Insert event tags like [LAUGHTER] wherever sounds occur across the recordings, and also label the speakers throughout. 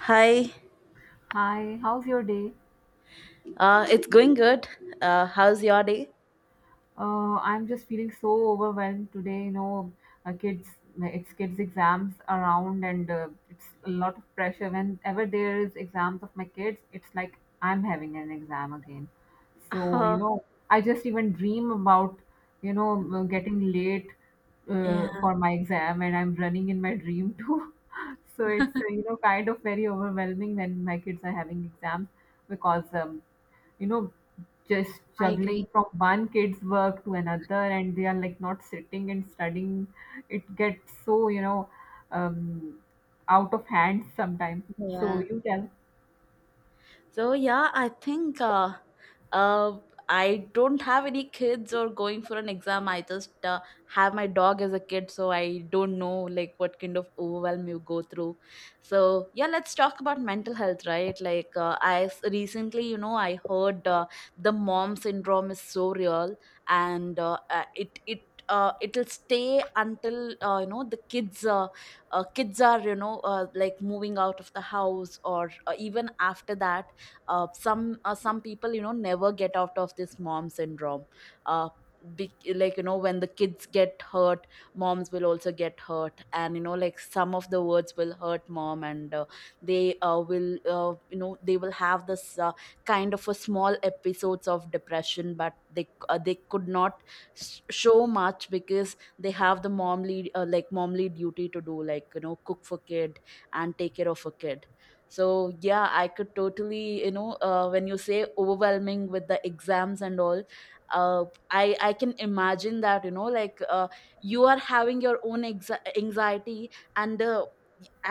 Speaker 1: Hi,
Speaker 2: Hi, how's your day?
Speaker 1: it's going good. How's your day?
Speaker 2: I'm just feeling so overwhelmed today. You know, kids, it's kids' exams around, and it's a lot of pressure. Whenever there is exams of my kids, it's like I'm having an exam again. So, you
Speaker 1: Uh,
Speaker 2: know, I just even dream about, getting late,
Speaker 1: yeah,
Speaker 2: for my exam, and I'm running in my dream too. [LAUGHS] So it's,
Speaker 1: [LAUGHS]
Speaker 2: you know, kind of very overwhelming when my kids are having exams, because you know, just
Speaker 1: I
Speaker 2: juggling
Speaker 1: agree.
Speaker 2: from one kid's work to another, and they are like not sitting and studying. It gets so, um, out of hand sometimes. So
Speaker 1: Yeah.
Speaker 2: you tell.
Speaker 1: So yeah, I think, uh, I don't have any kids or going for an exam. I just have my dog as a kid, so I don't know, like, what kind of overwhelm you go through. So yeah, let's talk about mental health, right? Like, recently, I heard the mom syndrome is so real, and it'll stay until the kids, kids are, like, moving out of the house, or even after that. Some people, never get out of this mom syndrome. uh, like, you know when the kids get hurt, moms will also get hurt, and, you know, like, some of the words will hurt mom. And they, will you know they will have this, kind of, a small episodes of depression, but they, they could not show much, because they have the momly, momly duty to do, like, you know, cook for kid and take care of a kid. So yeah, I could totally, when you say overwhelming with the exams and all, uh, I can imagine that, you know, like, you are having your own anxiety, and, uh,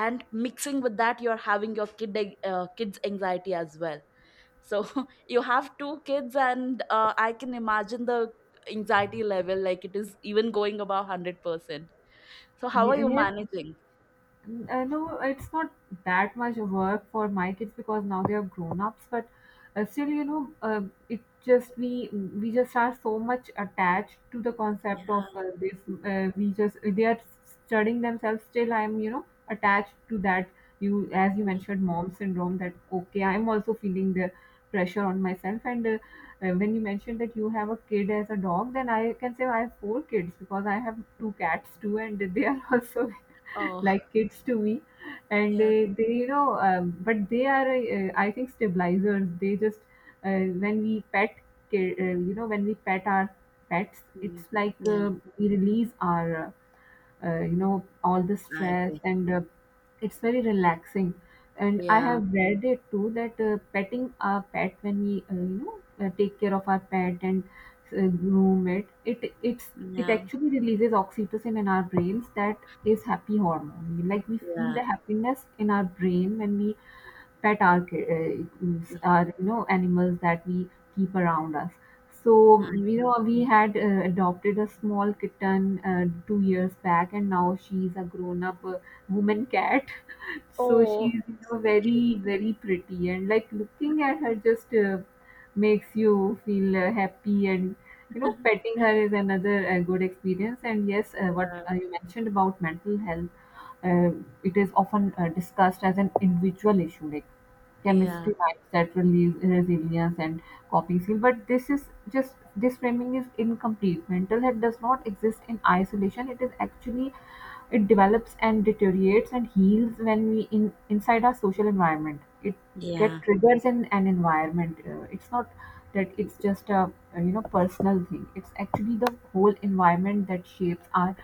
Speaker 1: and mixing with that, you're having your kid, kids anxiety as well. So [LAUGHS] you have two kids, and I can imagine the anxiety level, like, it is even going above 100%. So how are you
Speaker 2: Yes,
Speaker 1: managing?
Speaker 2: No, it's not that much work for my kids because now they are grown ups. But still, you know, it just, we just are so much attached to the
Speaker 1: Yeah.
Speaker 2: concept of, this. We just, they are studying themselves. Still, I'm, you know, attached to that. You, as you mentioned, mom syndrome. That okay, I'm also feeling the pressure on myself. And when you mentioned that you have a kid as a dog, then I can say I have four kids because I have two cats too, and they are also. [LAUGHS] [LAUGHS]
Speaker 1: Oh,
Speaker 2: Like kids to me, and
Speaker 1: yeah.
Speaker 2: they, you know, but they are, I think, stabilizers. They just, when we pet, you know, when we pet our pets, it's like,
Speaker 1: Yeah,
Speaker 2: we release our, you know, all the
Speaker 1: I
Speaker 2: stress,
Speaker 1: agree.
Speaker 2: and it's very relaxing. And I
Speaker 1: Yeah.
Speaker 2: have read it too that, petting our pet, when we, you know, take care of our pet and, groom it,
Speaker 1: Yeah.
Speaker 2: actually releases oxytocin in our brains, that is happy hormone, like we feel
Speaker 1: Yeah.
Speaker 2: the happiness in our brain when we pet arcades are, you know, animals that we keep around us. So,
Speaker 1: I-
Speaker 2: you
Speaker 1: know.
Speaker 2: know, we had, adopted a small kitten, 2 years back, and now she's a grown up, woman cat. [LAUGHS] So
Speaker 1: Oh,
Speaker 2: she's, you know,
Speaker 1: so cute.
Speaker 2: very very pretty, and like looking at her just, makes you feel, happy, and, you know, petting her is another, good experience. And yes, what,
Speaker 1: Yeah.
Speaker 2: you mentioned about mental health, uh, it is often, discussed as an individual issue, like
Speaker 1: Yeah.
Speaker 2: chemistry, mindset, release, resilience, and coping skill. But this is just, this framing is incomplete. Mental health does not exist in isolation. It is actually, it develops and deteriorates and heals when we, in inside our social environment. It get
Speaker 1: Yeah.
Speaker 2: triggers in an environment. It's not that it's just a, you know, personal thing. It's actually the whole environment that shapes our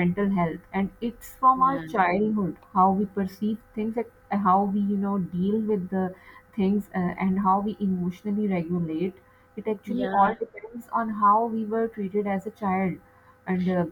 Speaker 2: mental health, and it's from our
Speaker 1: Yeah.
Speaker 2: childhood how we perceive things, like, how we, you know, deal with the things, and how we emotionally regulate. It actually
Speaker 1: Yeah.
Speaker 2: all depends on how we were treated as a child, and,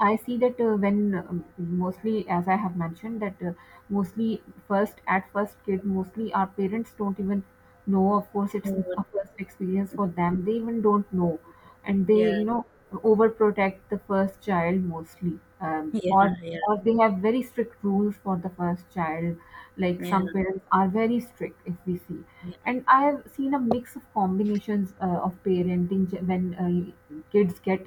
Speaker 2: I see that, when, mostly, as I have mentioned, that, mostly, first at first kid, mostly our parents don't even know. Of course,
Speaker 1: I
Speaker 2: it's
Speaker 1: would-
Speaker 2: a first experience for them. They even don't know, and they,
Speaker 1: Yeah.
Speaker 2: you know, overprotect the first child mostly,
Speaker 1: Yeah.
Speaker 2: or
Speaker 1: Yeah.
Speaker 2: or they have very strict rules for the first child. Like
Speaker 1: Yeah.
Speaker 2: some parents are very strict, if we see. And I have seen a mix of combinations, of parenting, when, kids get,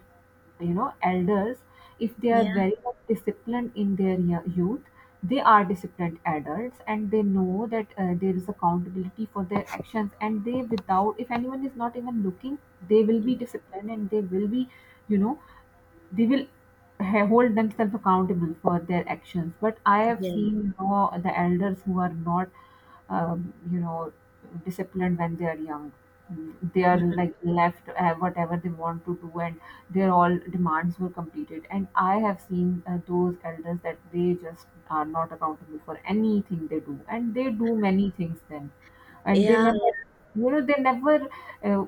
Speaker 2: you know, elders, if they are
Speaker 1: Yeah.
Speaker 2: very much disciplined in their, youth, they are disciplined adults, and they know that, there is accountability for their actions, and they, without, if anyone is not even looking, they will be
Speaker 1: Yeah.
Speaker 2: disciplined, and they will be, you know, they will, hold themselves accountable for their actions. But I have
Speaker 1: Yeah.
Speaker 2: seen, you know, the elders who are not, you know, disciplined when they are young. They are like
Speaker 1: [LAUGHS]
Speaker 2: left, whatever they want to do, and their all demands were completed. And I have seen, those elders, that they just are not accountable for anything they do, and they do many things then. And they
Speaker 1: Yeah.
Speaker 2: never, you know they never uh,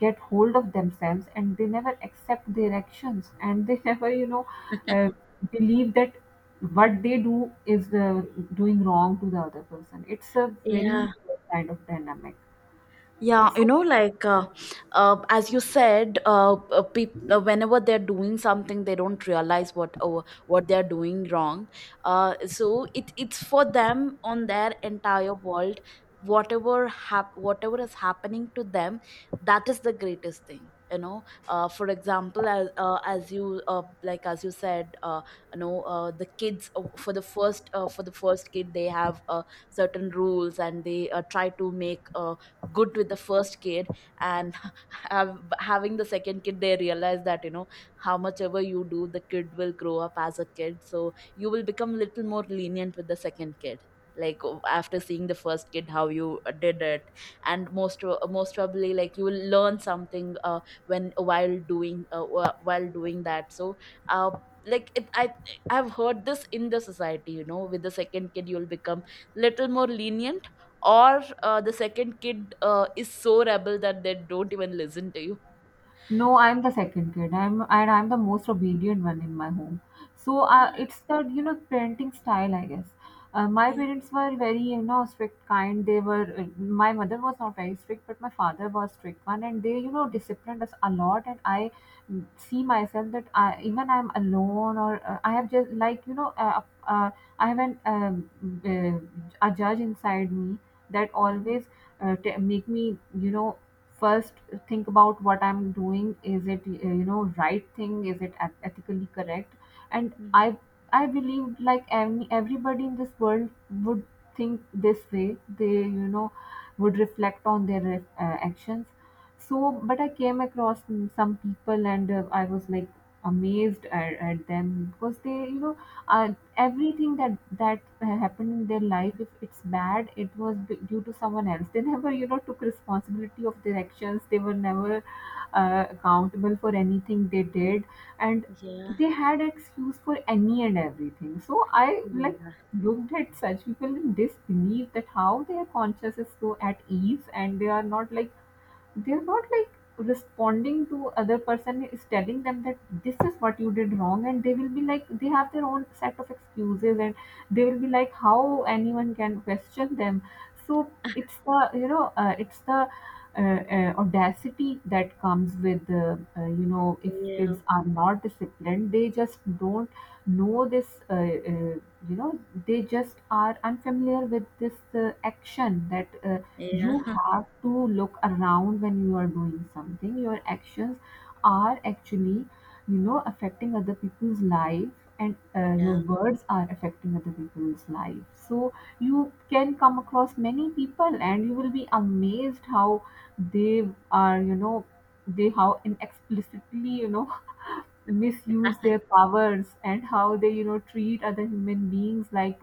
Speaker 2: get hold of themselves, and they never accept their actions, and they [LAUGHS] never, uh, believe that what they do is, doing wrong to the other person. It's a
Speaker 1: Yeah.
Speaker 2: very kind of dynamic.
Speaker 1: Yeah, you know, like, as you said, whenever they're doing something, they don't realize what, what they're doing wrong. So it's for them on their entire world. Whatever whatever is happening to them, that is the greatest thing. You know, for example, as, as you like as you said, the kids, for the first kid, they have, certain rules, and they, try to make. Good with the first kid. And [LAUGHS] have, having the second kid, they realize that, you know, how much ever you do, the kid will grow up as a kid, so you will become little more lenient with the second kid. Like, after seeing the first kid how you did it, and most most probably, like, you will learn something, when, while doing, while doing that. So, uh, like it, I I've heard this in the society, you know, with the second kid you'll become little more lenient. Or the second kid is so rebel that they don't even listen to you.
Speaker 2: No, I'm the second kid. I'm and I'm the most obedient one in my home. So,
Speaker 1: Ah,
Speaker 2: it's that, you know, parenting style, I guess. My
Speaker 1: yeah.
Speaker 2: parents were very, you know, strict, kind. They were. My mother was not very strict, but my father was strict one, and they, you know, disciplined us a lot. And I, see myself, that I, even I'm alone, or, I have just, like, you know, uh, I have an, a judge inside me that
Speaker 1: Mm-hmm.
Speaker 2: always, make me, you know, first think about what I'm doing. Is it, you know, right thing, is it, ethically correct. And
Speaker 1: Mm-hmm.
Speaker 2: I believe, like, everybody in this world would think this way, they, you know, would reflect on their, actions. So but I came across, some people, and, I was like amazed at them, because they, you know, uh, everything that happened in their life, if it's bad it was, due to someone else. They never, you know, took responsibility of their actions. They were never, accountable for anything they did, and
Speaker 1: Yeah.
Speaker 2: they had excuse for any and everything. So I, like,
Speaker 1: Yeah.
Speaker 2: looked at such people in disbelief, that how their conscience is so at ease, and they are not like, they're not like responding to other person is telling them that this is what you did wrong, and they will be like they have their own set of excuses, and they will be like how anyone can question them. So
Speaker 1: Yeah. Yeah. [LAUGHS]
Speaker 2: it's the you know it's the audacity that comes with, you know, if kids are not disciplined they just don't know this, you know, they just are unfamiliar with this, action, that, you have to look around when you are doing something, your actions are actually, you know, affecting other people's life, and,
Speaker 1: Yeah.
Speaker 2: your
Speaker 1: Yeah.
Speaker 2: words are affecting other people's life. So you can come across many people, and you will be amazed how they are, you know, they, how inexplicitly, you know, [LAUGHS] misuse their powers, and how they, you know, treat other human beings like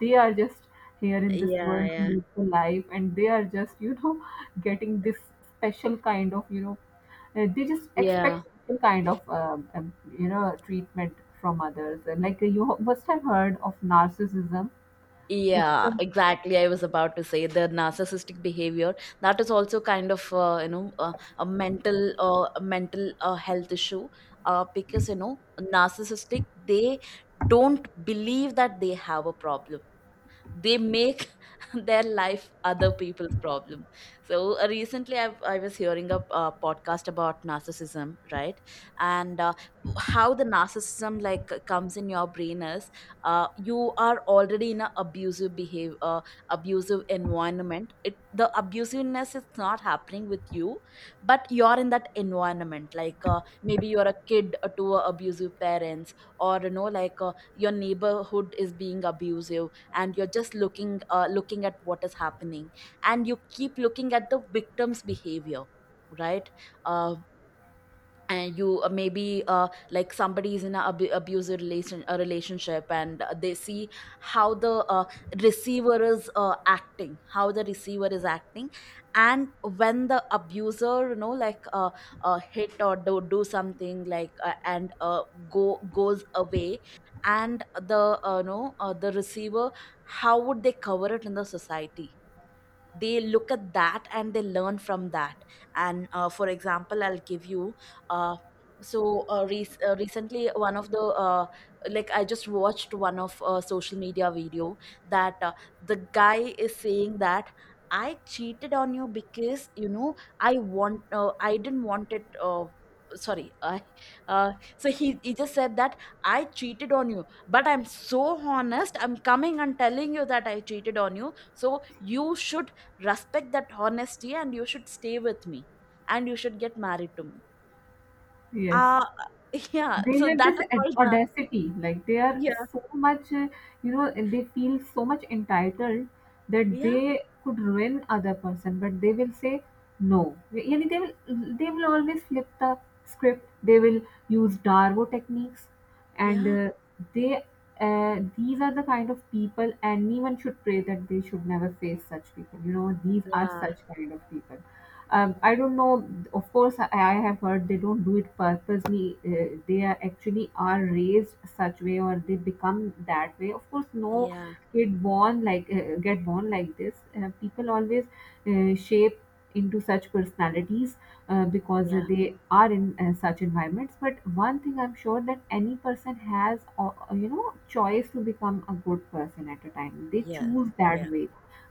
Speaker 2: they are just here in this world to
Speaker 1: Yeah.
Speaker 2: live the life, and they are just, you know, [LAUGHS] getting this special kind of, you know, they just
Speaker 1: Yeah,
Speaker 2: expect some kind of, you know, treatment from others, and like, you must have heard of narcissism. it's
Speaker 1: yeah,
Speaker 2: a,
Speaker 1: exactly. I was about to say, the narcissistic behavior, that is also kind of, a mental, health issue, because, you know, narcissistic, they don't believe that they have a problem. They make [LAUGHS] their life other people's problem. So, recently I was hearing a podcast about narcissism, right? And, how the narcissism, like, comes in your brain is, you are already in a abusive behavior, abusive environment. It, the abusiveness is not happening with you, but you're in that environment. Like, maybe you're a kid to, abusive parents, or, you know, like, your neighborhood is being abusive, and you're just looking, looking at what is happening, and you keep looking at the victim's behavior, right? uh, and you, maybe like, somebody is in an abusive relation a relationship, and, they see how the, receiver is, acting, how the receiver is acting. And when the abuser, you know, like, hit or do something, like, and go goes away, and the, no the receiver, how would they cover it in the society? They look at that and they learn from that. And, for example, I'll give you, uh, recently, one of the, like, I just watched one of, social media video, that, the guy is saying that, I cheated on you because, you know, I want, I didn't want it, sorry, I, so he just said that, I cheated on you, but I'm so honest, I'm coming and telling you that I cheated on you, so you should respect that honesty and you should stay with me, and you should get married to me.
Speaker 2: yes,
Speaker 1: uh [LAUGHS] yeah,
Speaker 2: they
Speaker 1: so
Speaker 2: have
Speaker 1: that
Speaker 2: this,
Speaker 1: is called the —
Speaker 2: audacity, like they are
Speaker 1: yeah,
Speaker 2: so much, you know, and they feel so much entitled, that
Speaker 1: yeah,
Speaker 2: they could ruin other person, but they will say no, yani, they will always flip the script. They will use darbo techniques, and,
Speaker 1: yeah,
Speaker 2: they these are the kind of people anyone should pray that they should never face such people, you know, these are
Speaker 1: yeah,
Speaker 2: such kind of people. I don't know, of course I have heard they don't do it purposely. They are actually are raised such way, or they become that way. Of course, no
Speaker 1: yeah,
Speaker 2: kid born like, get born like this. People always, shape into such personalities, because
Speaker 1: yeah,
Speaker 2: they are in, such environments. But one thing I'm sure, that any person has, you know, choice to become a good person at a time they
Speaker 1: yeah,
Speaker 2: choose
Speaker 1: yeah,
Speaker 2: that way.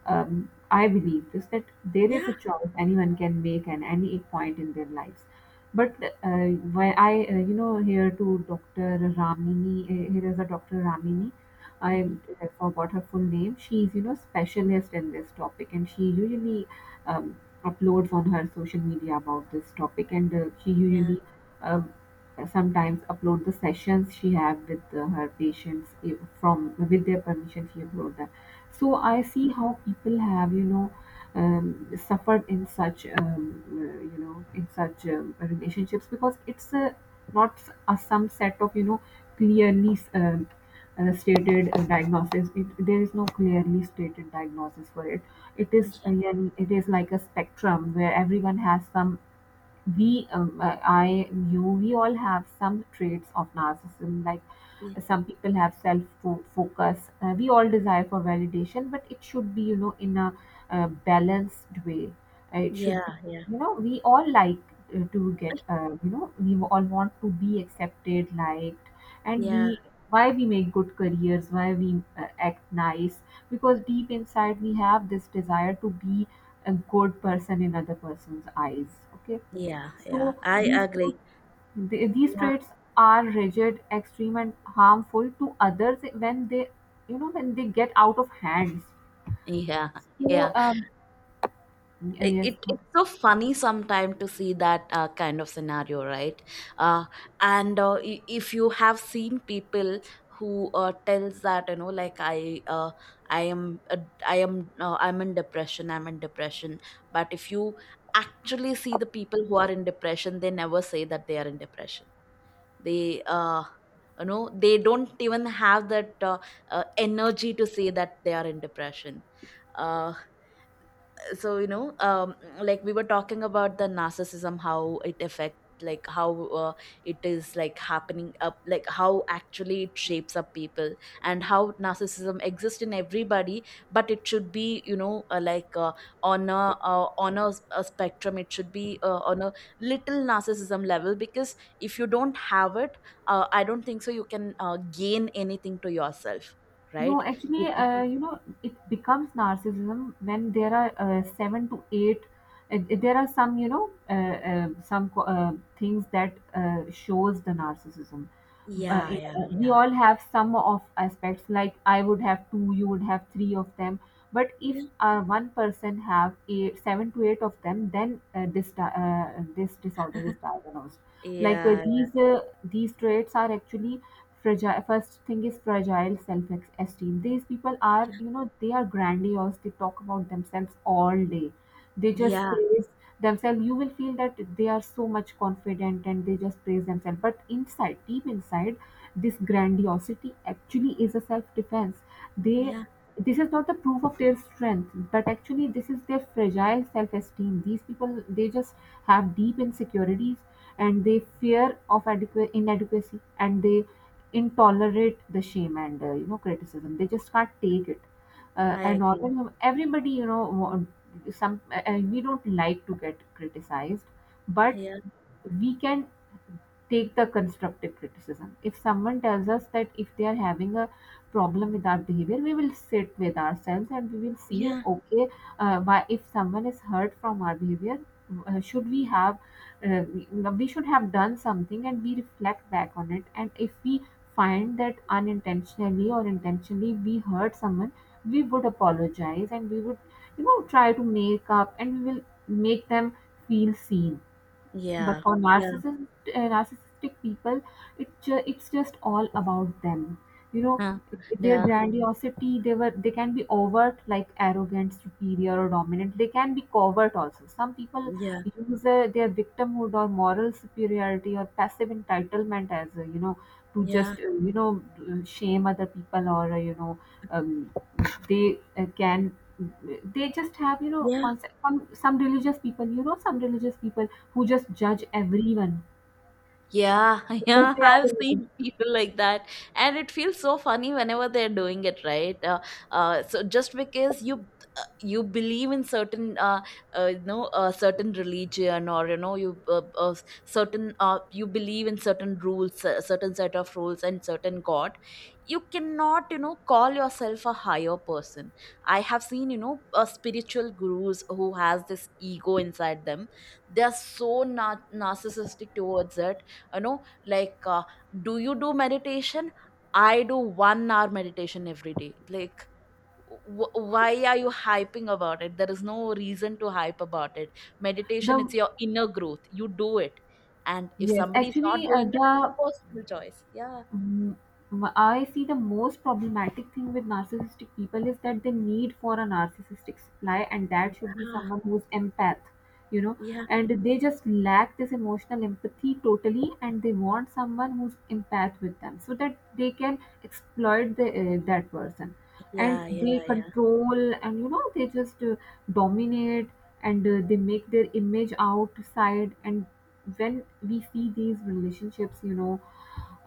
Speaker 2: I believe this, that there is
Speaker 1: yeah.
Speaker 2: a choice anyone can make at any point in their lives. But, why I, you know, here to Dr. Ramini, here is a Dr. Ramini. I,
Speaker 1: Hmm.
Speaker 2: forgot her full name. She's, you know, specialist in this topic, and she usually, um, uploads on her social media about this topic. And, she
Speaker 1: Yeah,
Speaker 2: usually, uh, sometimes upload the sessions she have with, her patients, if from with their permission she upload that. So I see how people have, you know, suffered in such, you know, in such, relationships, because it's a not a some set of, you know, clearly, stated, diagnosis. It, there is no clearly stated diagnosis for it. It is a,
Speaker 1: yeah,
Speaker 2: it is like a spectrum where everyone has some. We, I, you, we all have some traits of narcissism, like,
Speaker 1: yeah,
Speaker 2: some people have self, focus. We all desire for validation, but it should be, you know, in a, balanced way. It should
Speaker 1: yeah,
Speaker 2: be,
Speaker 1: yeah,
Speaker 2: you know, We all like to get we all want to be accepted, liked. And
Speaker 1: yeah,
Speaker 2: we, why we make good careers, why we act nice, because deep inside we have this desire to be a good person in other person's eyes, okay?
Speaker 1: yeah, yeah,
Speaker 2: So
Speaker 1: I
Speaker 2: these traits,
Speaker 1: agree.
Speaker 2: these
Speaker 1: Yeah,
Speaker 2: traits are rigid, extreme, and harmful to others when they, when they get out of hands.
Speaker 1: yeah,
Speaker 2: So
Speaker 1: yeah.
Speaker 2: yes.
Speaker 1: It, it's so funny sometimes to see that, kind of scenario, right? uh, if you have seen people who, tells that, you know, like, I, I am uh, I am I'm in depression, I'm in depression. But if you actually see the people who are in depression, they never say that they are in depression. They, you know, they don't even have that, energy to say that they are in depression. Uh, so, like, we were talking about the narcissism, how it affect, like, how, it is like happening up, like, how actually it shapes up people and how narcissism exists in everybody. But it should be, you know, on a on a spectrum. It should be, on a little narcissism level, because if you don't have it, I don't think so you can, gain anything to yourself.
Speaker 2: No,
Speaker 1: Right.
Speaker 2: actually,
Speaker 1: you ca-
Speaker 2: it becomes narcissism when there are seven to eight. There are some, some things that shows the narcissism. Uh,
Speaker 1: yeah.
Speaker 2: it-
Speaker 1: Yeah.
Speaker 2: we
Speaker 1: Yeah.
Speaker 2: all have some of aspects. Like I would have two, you would have three of them. But if
Speaker 1: Yeah.
Speaker 2: one person have eight, seven to eight of them, then this disorder is diagnosed. Like
Speaker 1: Yeah.
Speaker 2: these traits are actually fragile. First thing is fragile self-esteem. These people are, you know, they are grandiose, they talk about themselves all day, they just
Speaker 1: Yeah.
Speaker 2: praise themselves. You will feel that they are so much confident and they just praise themselves, but inside, deep inside, this grandiosity actually is a self-defense. They,
Speaker 1: Yeah,
Speaker 2: this is not the proof of their strength, but actually this is their fragile self-esteem. These people, they just have deep insecurities and they fear of inadequacy, and they intolerate the shame and you know, criticism. They just can't take it.
Speaker 1: I
Speaker 2: And
Speaker 1: agree.
Speaker 2: all everybody, you know, some we don't like to get criticized, but
Speaker 1: Yeah,
Speaker 2: we can take the constructive criticism. If someone tells us that if they are having a problem with our behavior, we will sit with ourselves and we will see,
Speaker 1: yeah,
Speaker 2: okay, why if someone is hurt from our behavior, should we have, uh, we we should have done something, and we reflect back on it. And if we find that unintentionally or intentionally we hurt someone, we would apologize and we would, you know, try to make up, and we will make them feel seen. But
Speaker 1: yeah,
Speaker 2: for
Speaker 1: yeah,
Speaker 2: narcissist, narcissistic people, it's just all about them, you know,
Speaker 1: huh,
Speaker 2: their
Speaker 1: yeah,
Speaker 2: grandiosity. They were, they can be overt, like arrogant, superior, or dominant. They can be covert also. Some people
Speaker 1: yeah,
Speaker 2: use their victimhood or moral superiority or passive entitlement as, to
Speaker 1: yeah,
Speaker 2: just, shame other people, or um, they can, they just have, you know,
Speaker 1: yeah.
Speaker 2: concept. Some religious people, you know, some religious people who just judge everyone
Speaker 1: Yeah, [LAUGHS]
Speaker 2: because
Speaker 1: yeah,
Speaker 2: they are
Speaker 1: I've
Speaker 2: religious.
Speaker 1: seen people like that, and it feels so funny whenever they're doing it, right? So just because you, you believe in certain, certain religion, or, you know, you, certain, you believe in certain rules, certain set of rules, and certain God, you cannot, you know, call yourself a higher person. I have seen, you know, spiritual gurus who has this ego inside them. They're so narcissistic towards it, you know, like, do you do meditation? I do 1 hour meditation every day. Like, why are you hyping about it? There is no reason to hype about it. Meditation,
Speaker 2: The,
Speaker 1: it's your inner growth, you do it. And if
Speaker 2: yes,
Speaker 1: somebody is not
Speaker 2: actually,
Speaker 1: doing it, it's a
Speaker 2: the
Speaker 1: personal choice. Yeah.
Speaker 2: Mm, I see the most problematic thing with narcissistic people is that they need for a narcissistic supply, and that should be
Speaker 1: Yeah.
Speaker 2: someone who's empath, you know,
Speaker 1: Yeah.
Speaker 2: and they just lack this emotional empathy totally, and they want someone who's empath with them so that they can exploit the, that person, and
Speaker 1: Yeah.
Speaker 2: they
Speaker 1: Yeah. Yeah.
Speaker 2: control, and you know, they just dominate, and they make their image outside, and when we see these relationships, you know,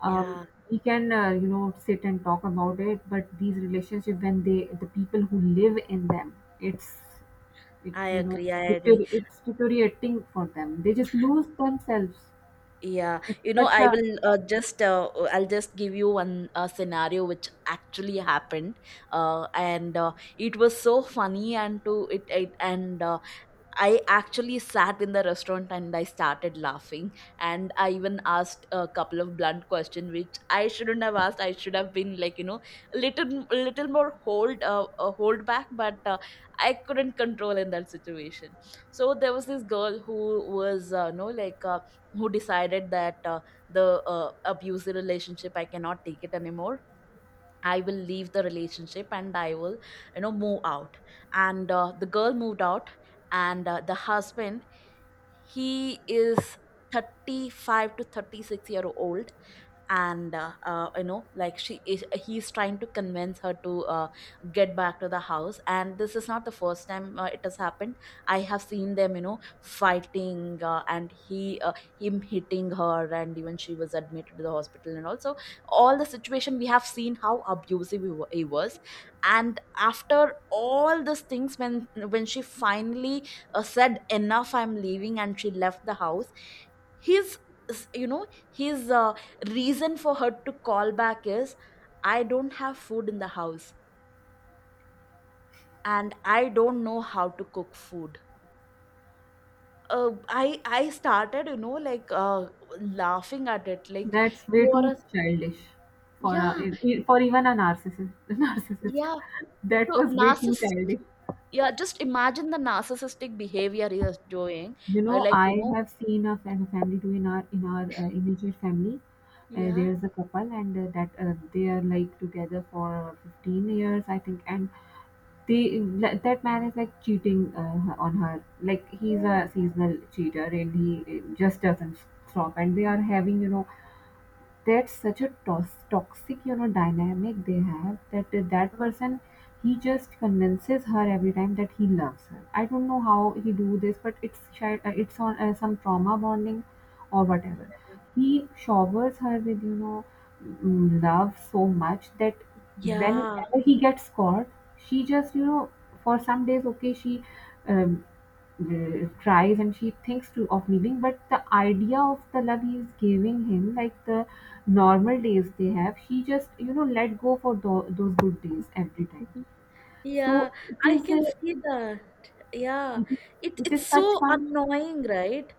Speaker 2: um,
Speaker 1: Yeah,
Speaker 2: we can, sit and talk about it, but these relationships, when they, the people who live in them, it's
Speaker 1: I
Speaker 2: it's you know,
Speaker 1: agree. I agree.
Speaker 2: it's deteriorating for them. They just lose themselves.
Speaker 1: Yeah,
Speaker 2: It's
Speaker 1: you know,
Speaker 2: such
Speaker 1: I
Speaker 2: a,
Speaker 1: will, just I'll just give you one, scenario which actually happened, and it was so funny, and to it, it and, I actually sat in the restaurant and I started laughing. And I even asked a couple of blunt questions, which I shouldn't have asked. I should have been, like, you know, a little more hold, back. But, I couldn't control in that situation. So there was this girl who was, you know, like, who decided that, the, abusive relationship, I cannot take it anymore, I will leave the relationship, and I will, you know, move out. And, the girl moved out, and, the husband, he is 35 to 36 year old, and, you know, like, she is he's trying to convince her to, get back to the house, and this is not the first time, it has happened. I have seen them, you know, fighting, and he, him hitting her, and even she was admitted to the hospital, and also all the situation we have seen how abusive he he was. And after all these things, when she finally, said enough, I'm leaving, and she left the house. His, you know, his, reason for her to call back is, I don't have food in the house, and I don't know how to cook food. I started, you know, like, laughing at it, like,
Speaker 2: that's way
Speaker 1: you are
Speaker 2: too
Speaker 1: a —
Speaker 2: childish for a,
Speaker 1: yeah,
Speaker 2: for even a narcissist [LAUGHS] narcissist,
Speaker 1: yeah,
Speaker 2: that
Speaker 1: so
Speaker 2: was way too
Speaker 1: narcissistic,
Speaker 2: childish.
Speaker 1: yeah, just imagine the narcissistic behavior he is doing.
Speaker 2: You
Speaker 1: Uh,
Speaker 2: know,
Speaker 1: like, you
Speaker 2: I
Speaker 1: know,
Speaker 2: have seen a family do in our, in our immediate family.
Speaker 1: yeah,
Speaker 2: There's a couple, and that they are like together for 15 years, I think. And they, that man is like cheating on her. Like he's a
Speaker 1: oh,
Speaker 2: seasonal cheater, and he just doesn't stop. And they are having, you know, that's such a toxic, you know, dynamic they have, that that
Speaker 1: uh,
Speaker 2: person, he just convinces her every time that he loves her. I don't know how he do this, but it's it's on some trauma bonding or whatever. He showers her with, you know, love so much that
Speaker 1: yeah.
Speaker 2: whenever he gets caught, she just, you know, for some days, okay, she um, tries and she thinks to of leaving, but the idea of the love he is giving him, like the normal days they have, he just, you know, let go for those good days every time.
Speaker 1: Yeah. [LAUGHS]
Speaker 2: So
Speaker 1: Yeah,
Speaker 2: it
Speaker 1: I
Speaker 2: is a,
Speaker 1: can see that. Yeah.
Speaker 2: it is,
Speaker 1: It,
Speaker 2: it
Speaker 1: it's
Speaker 2: is such
Speaker 1: so
Speaker 2: kind.
Speaker 1: annoying, right?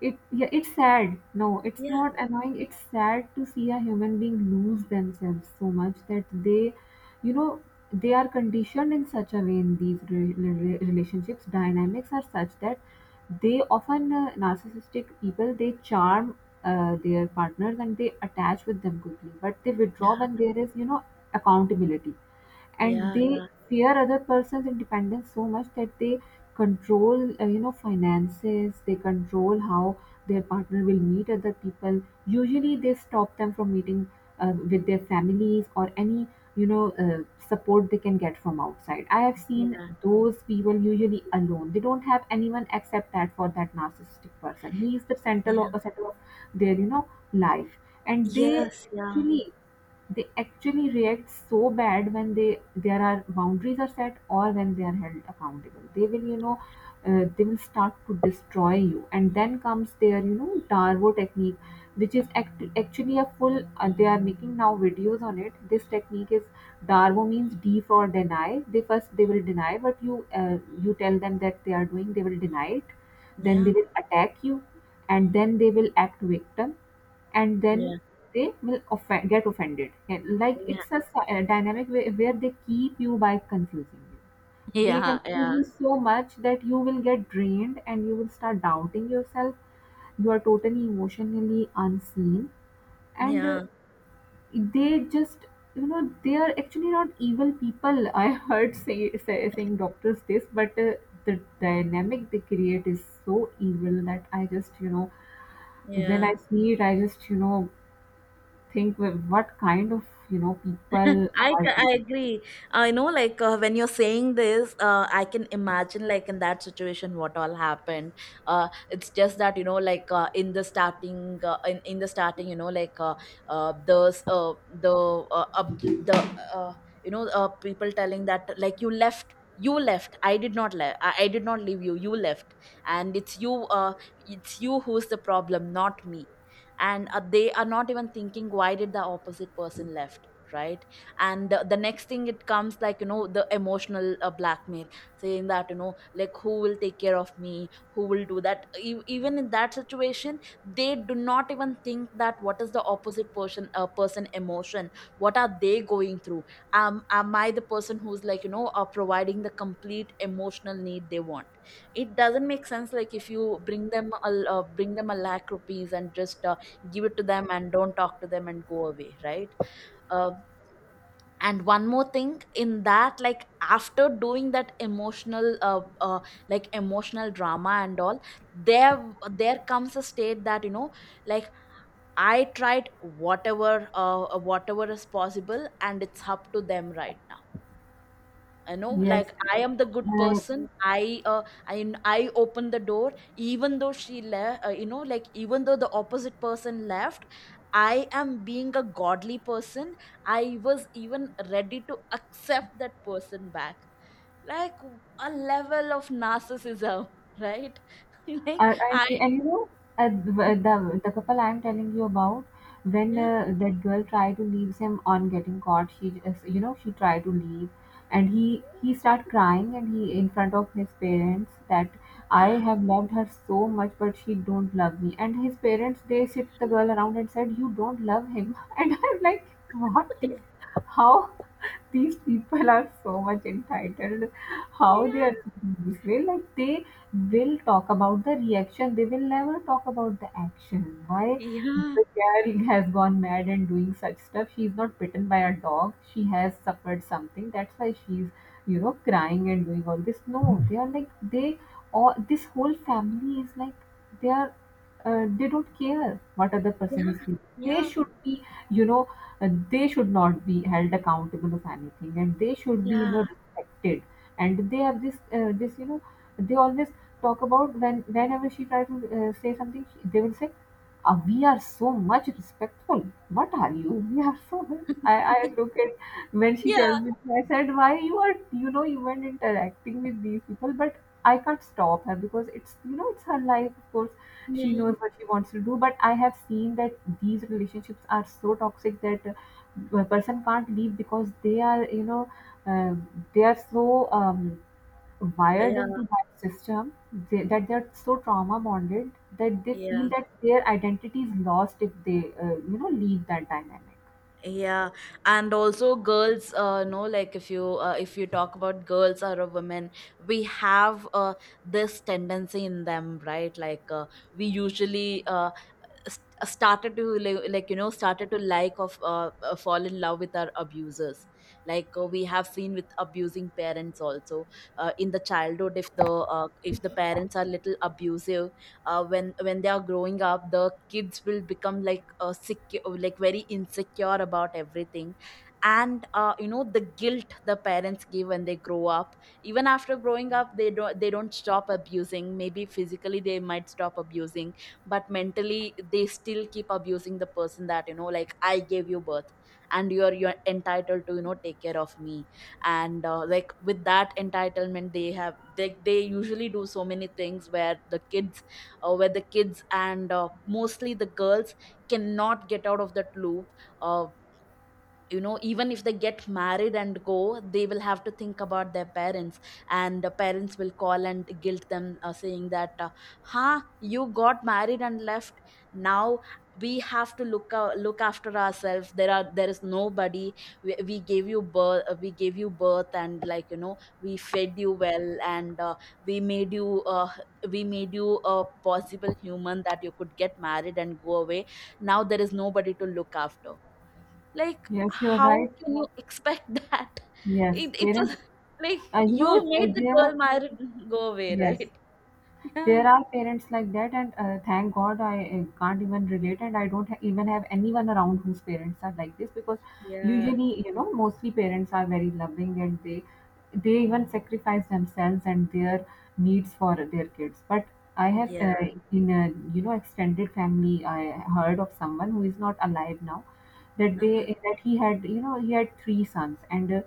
Speaker 2: It, yeah, it's sad. No, it's
Speaker 1: Yeah.
Speaker 2: not annoying. It's sad to see a human being lose themselves so much that they, you know, they are conditioned in such a way in these relationships. Dynamics are such that they often, narcissistic people, they charm their partners and they attach with them quickly, but they
Speaker 1: Yeah.
Speaker 2: withdraw when there is, you know, accountability. And
Speaker 1: Yeah.
Speaker 2: they
Speaker 1: Yeah.
Speaker 2: fear other person's independence so much that they control, finances, they control how their partner will meet other people. Usually they stop them from meeting with their families or any, you know uh, support they can get from outside. I have seen
Speaker 1: Yeah.
Speaker 2: those people usually alone, they don't have anyone except that, for that narcissistic person he is the
Speaker 1: Yeah.
Speaker 2: center of their, you know, life. And they
Speaker 1: Yes, yeah.
Speaker 2: actually, they actually react so bad when they, there are boundaries are set or when they are held accountable. They will, you know, they will start to destroy you, and then comes their, you know, darvo technique, which is actually a full, they are making now videos on it. This technique is, darvo means D for deny. They first, they will deny what you, you tell them that they are doing, they will deny it. Then
Speaker 1: Yeah.
Speaker 2: they will attack you, and then they will act victim, and then
Speaker 1: Yeah.
Speaker 2: they will offend, get offended. And, like
Speaker 1: Yeah.
Speaker 2: it's a, a dynamic where they keep you by confusing you. They
Speaker 1: Yeah.
Speaker 2: confuse
Speaker 1: Yeah.
Speaker 2: you so much that you will get drained and you will start doubting yourself. You are totally emotionally unseen. And
Speaker 1: Yeah.
Speaker 2: they just, you know, they are actually not evil people. [LAUGHS] I heard say, say saying doctors this, but the dynamic they create is so evil that I just, you know, when
Speaker 1: Yeah.
Speaker 2: I see it, I just, you know, think, well, what kind of, you know, people
Speaker 1: [LAUGHS] I,
Speaker 2: are
Speaker 1: c- I
Speaker 2: they.
Speaker 1: agree. I know, like, when you're saying this, I can imagine, like, in that situation, what all happened. It's just that, you know, like, in the starting, in the starting, you know, like, the, up the, you know, people telling that, like, you left, you left. I did not le. I did not leave you. You left. And it's you who's the problem, not me. And they are not even thinking, why did the opposite person left? Right. And the next thing it comes, like, you know, the emotional blackmail, saying that, you know, like, who will take care of me, who will do that. Even in that situation they do not even think that what is the opposite person person emotion, what are they going through. Am I the person who's, like, you know, providing the complete emotional need they want? It doesn't make sense. Like, if you bring them a lakh rupees and just give it to them and don't talk to them and go away, right? Uh, and one more thing in that, like, after doing that emotional like emotional drama and all, there comes a state that, you know, like, I tried whatever is possible and it's up to them right now. You know,
Speaker 2: Yes.
Speaker 1: like, I am the good
Speaker 2: Uh,
Speaker 1: person. I open the door, even though she left, you know, like, even though the opposite person left, I am being a godly person. I was even ready to accept that person back. Like, a level of narcissism, right? [LAUGHS] like i
Speaker 2: And you know, the couple I'm telling you about, when
Speaker 1: yeah,
Speaker 2: that girl tried to leave him on getting caught, she just, you know, she tried to leave, and he start crying, and he in front of his parents that I have loved her so much, but she don't love me. And his parents, they sit the girl around and said, you don't love him. [LAUGHS] And I'm like, what? Dear? How? These people are so much entitled. How they are
Speaker 1: yeah,
Speaker 2: thinking this way? Like they will talk about the reaction, they will never talk about the action. Why
Speaker 1: yeah, yeah, yeah,
Speaker 2: the girl has gone mad and doing such stuff? She's not bitten by a dog, she has suffered something, that's why she's, you know, crying and doing all this. No, they are like, they, all this whole family is like, they are, they don't care what other person is feeling. They
Speaker 1: yeah,
Speaker 2: should be, you know, they should not be held accountable of anything, and they should be, you
Speaker 1: yeah.
Speaker 2: know, respected. And they are this, this, you know, they always talk about, when, whenever she try to say something, she, they will say, we are so much respectful, what are you, we are so [LAUGHS] I look
Speaker 1: [LAUGHS]
Speaker 2: at, when she
Speaker 1: Yeah,
Speaker 2: tells me, I said, why you are, you know, even interacting with these people? But I can't stop her, because it's, you know, it's her life, of course. She
Speaker 1: yeah,
Speaker 2: knows what she wants to do, but I have seen that these relationships are so toxic that a person can't leave because they are, you know, uh, they are so wired
Speaker 1: yeah,
Speaker 2: into that system. They, that they're so trauma bonded, that they feel
Speaker 1: yeah,
Speaker 2: that their identity is lost if they, leave that dynamic.
Speaker 1: yeah. And also, girls, no, like, if you talk about girls or a woman, we have this tendency in them, right? Like, we usually st- started to like, you know, started to like of fall in love with our abusers. Like, we have seen with abusing parents also. In the childhood, if the parents are little abusive, when they are growing up, the kids will become, like, sick, like, very insecure about everything. And you know, the guilt the parents give when they grow up, even after growing up, they don't stop abusing. Maybe physically they might stop abusing, but mentally they still keep abusing the person that, you know, like, I gave you birth and you're entitled to, you know, take care of me. And Like, with that entitlement they have, they usually do so many things where the kids where the kids, and mostly the girls, cannot get out of that loop. uh, you know, even if they get married and go, they will have to think about their parents, and the parents will call and guilt them, saying that, huh, you got married and left. Now we have to look after ourselves. There are there is nobody. We gave you birth, we gave you birth, and, like, you know, we fed you well, and we made you uh, we made you a possible human that you could get married and go away. Now there is nobody to look after. Like,
Speaker 2: Yes, you're right.
Speaker 1: how can you expect [LAUGHS] that?
Speaker 2: Yes,
Speaker 1: It was
Speaker 2: parents,
Speaker 1: like
Speaker 2: I know,
Speaker 1: you made the
Speaker 2: there are,
Speaker 1: girl married, [LAUGHS] go away,
Speaker 2: yes.
Speaker 1: right? Yeah,
Speaker 2: There are parents like that, and thank God I can't even relate, and I don't even have anyone around whose parents are like this, because
Speaker 1: yeah,
Speaker 2: usually, you know, mostly parents are very loving, and they even sacrifice themselves and their needs for their kids. But I have,
Speaker 1: yeah.
Speaker 2: in a, you know, extended family, I heard of someone who is not alive now, that
Speaker 1: Uh-huh.
Speaker 2: they, that he had, you know, he had three sons. And.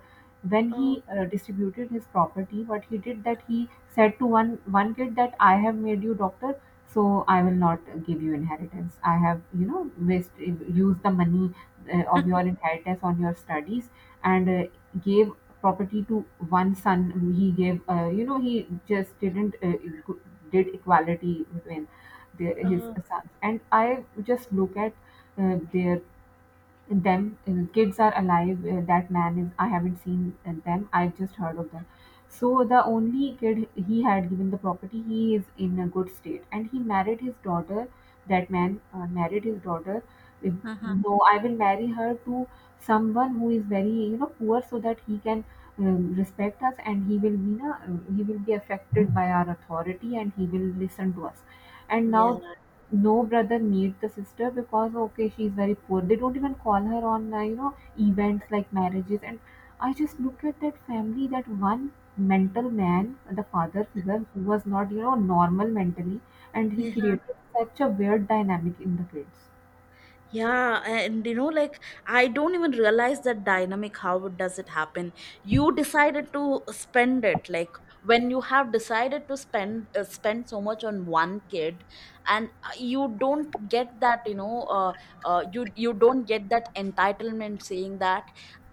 Speaker 2: When
Speaker 1: Oh,
Speaker 2: he distributed his property, what he did that, he said to one, one kid that I have made you doctor, so I will not give you inheritance, I have, you know, waste used the money of your
Speaker 1: [LAUGHS]
Speaker 2: inheritance on your studies. And gave property to one son, he gave, he just didn't did equality between the, his
Speaker 1: oh,
Speaker 2: sons. And I just look at their, them, kids are alive, that man is, I haven't seen them, I just heard of them. So the only kid he had given the property, he is in a good state, and he married his daughter, that man married his daughter, uh,
Speaker 1: uh-huh.
Speaker 2: no, I will marry her to someone who is very, you know, poor, so that he can respect us, and he will be na, he will be affected by our authority, and he will listen to us. And
Speaker 1: Yeah,
Speaker 2: now no brother meet the sister, because okay, she's very poor, they don't even call her on, events like marriages. And I just look at that family, that one mental man, the father figure, who was not, you know, normal mentally, and he
Speaker 1: yeah.
Speaker 2: created such a weird dynamic in the kids.
Speaker 1: Yeah, and you know, like, I don't even realize that dynamic. How it does it happen? You decided to spend it. Like, when you have decided to spend so much on one kid, and you don't get that. You know, you you don't get that entitlement saying that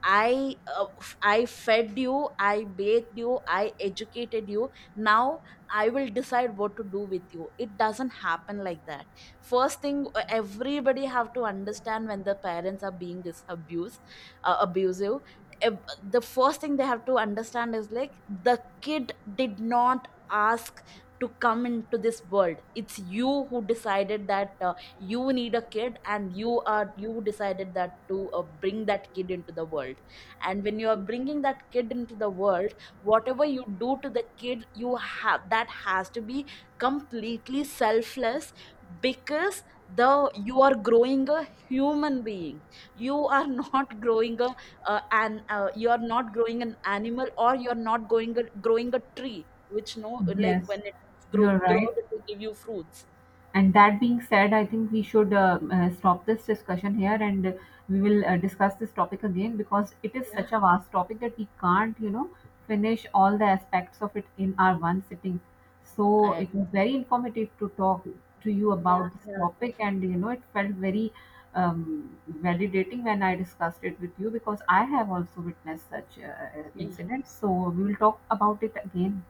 Speaker 1: I fed you, I bathed you, I educated you. Now I will decide what to do with you. It doesn't happen like that. First thing, everybody have to understand, when the parents are being this abuse abusive, the first thing they have to understand is, like, the kid did not ask to come into this world. It's you who decided that, you need a kid, and you decided that to bring that kid into the world. And when you are bringing that kid into the world, whatever you do to the kid, you have that has to be completely selfless, because the you are growing a human being. You are [LAUGHS] not growing a an you are not growing an animal, or you are not growing a tree which, no, like,
Speaker 2: Yes,
Speaker 1: when it
Speaker 2: you're right.
Speaker 1: grows it will give you fruits.
Speaker 2: And that being said, I think we should stop this discussion here. And we will discuss this topic again, because it is
Speaker 1: Yeah.
Speaker 2: such a vast topic that we can't, you know, finish all the aspects of it in our one sitting. So
Speaker 1: I,
Speaker 2: it was very informative to talk to you
Speaker 1: yeah,
Speaker 2: about this
Speaker 1: yeah.
Speaker 2: topic, and, you know, it felt very validating when I discussed it with you, because I have also witnessed such
Speaker 1: Y-
Speaker 2: incidents. So we will talk about it again.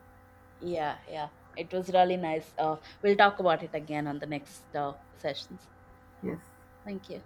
Speaker 1: yeah, yeah, it was really nice. We'll talk about it again on the next sessions.
Speaker 2: Yes.
Speaker 1: Thank you.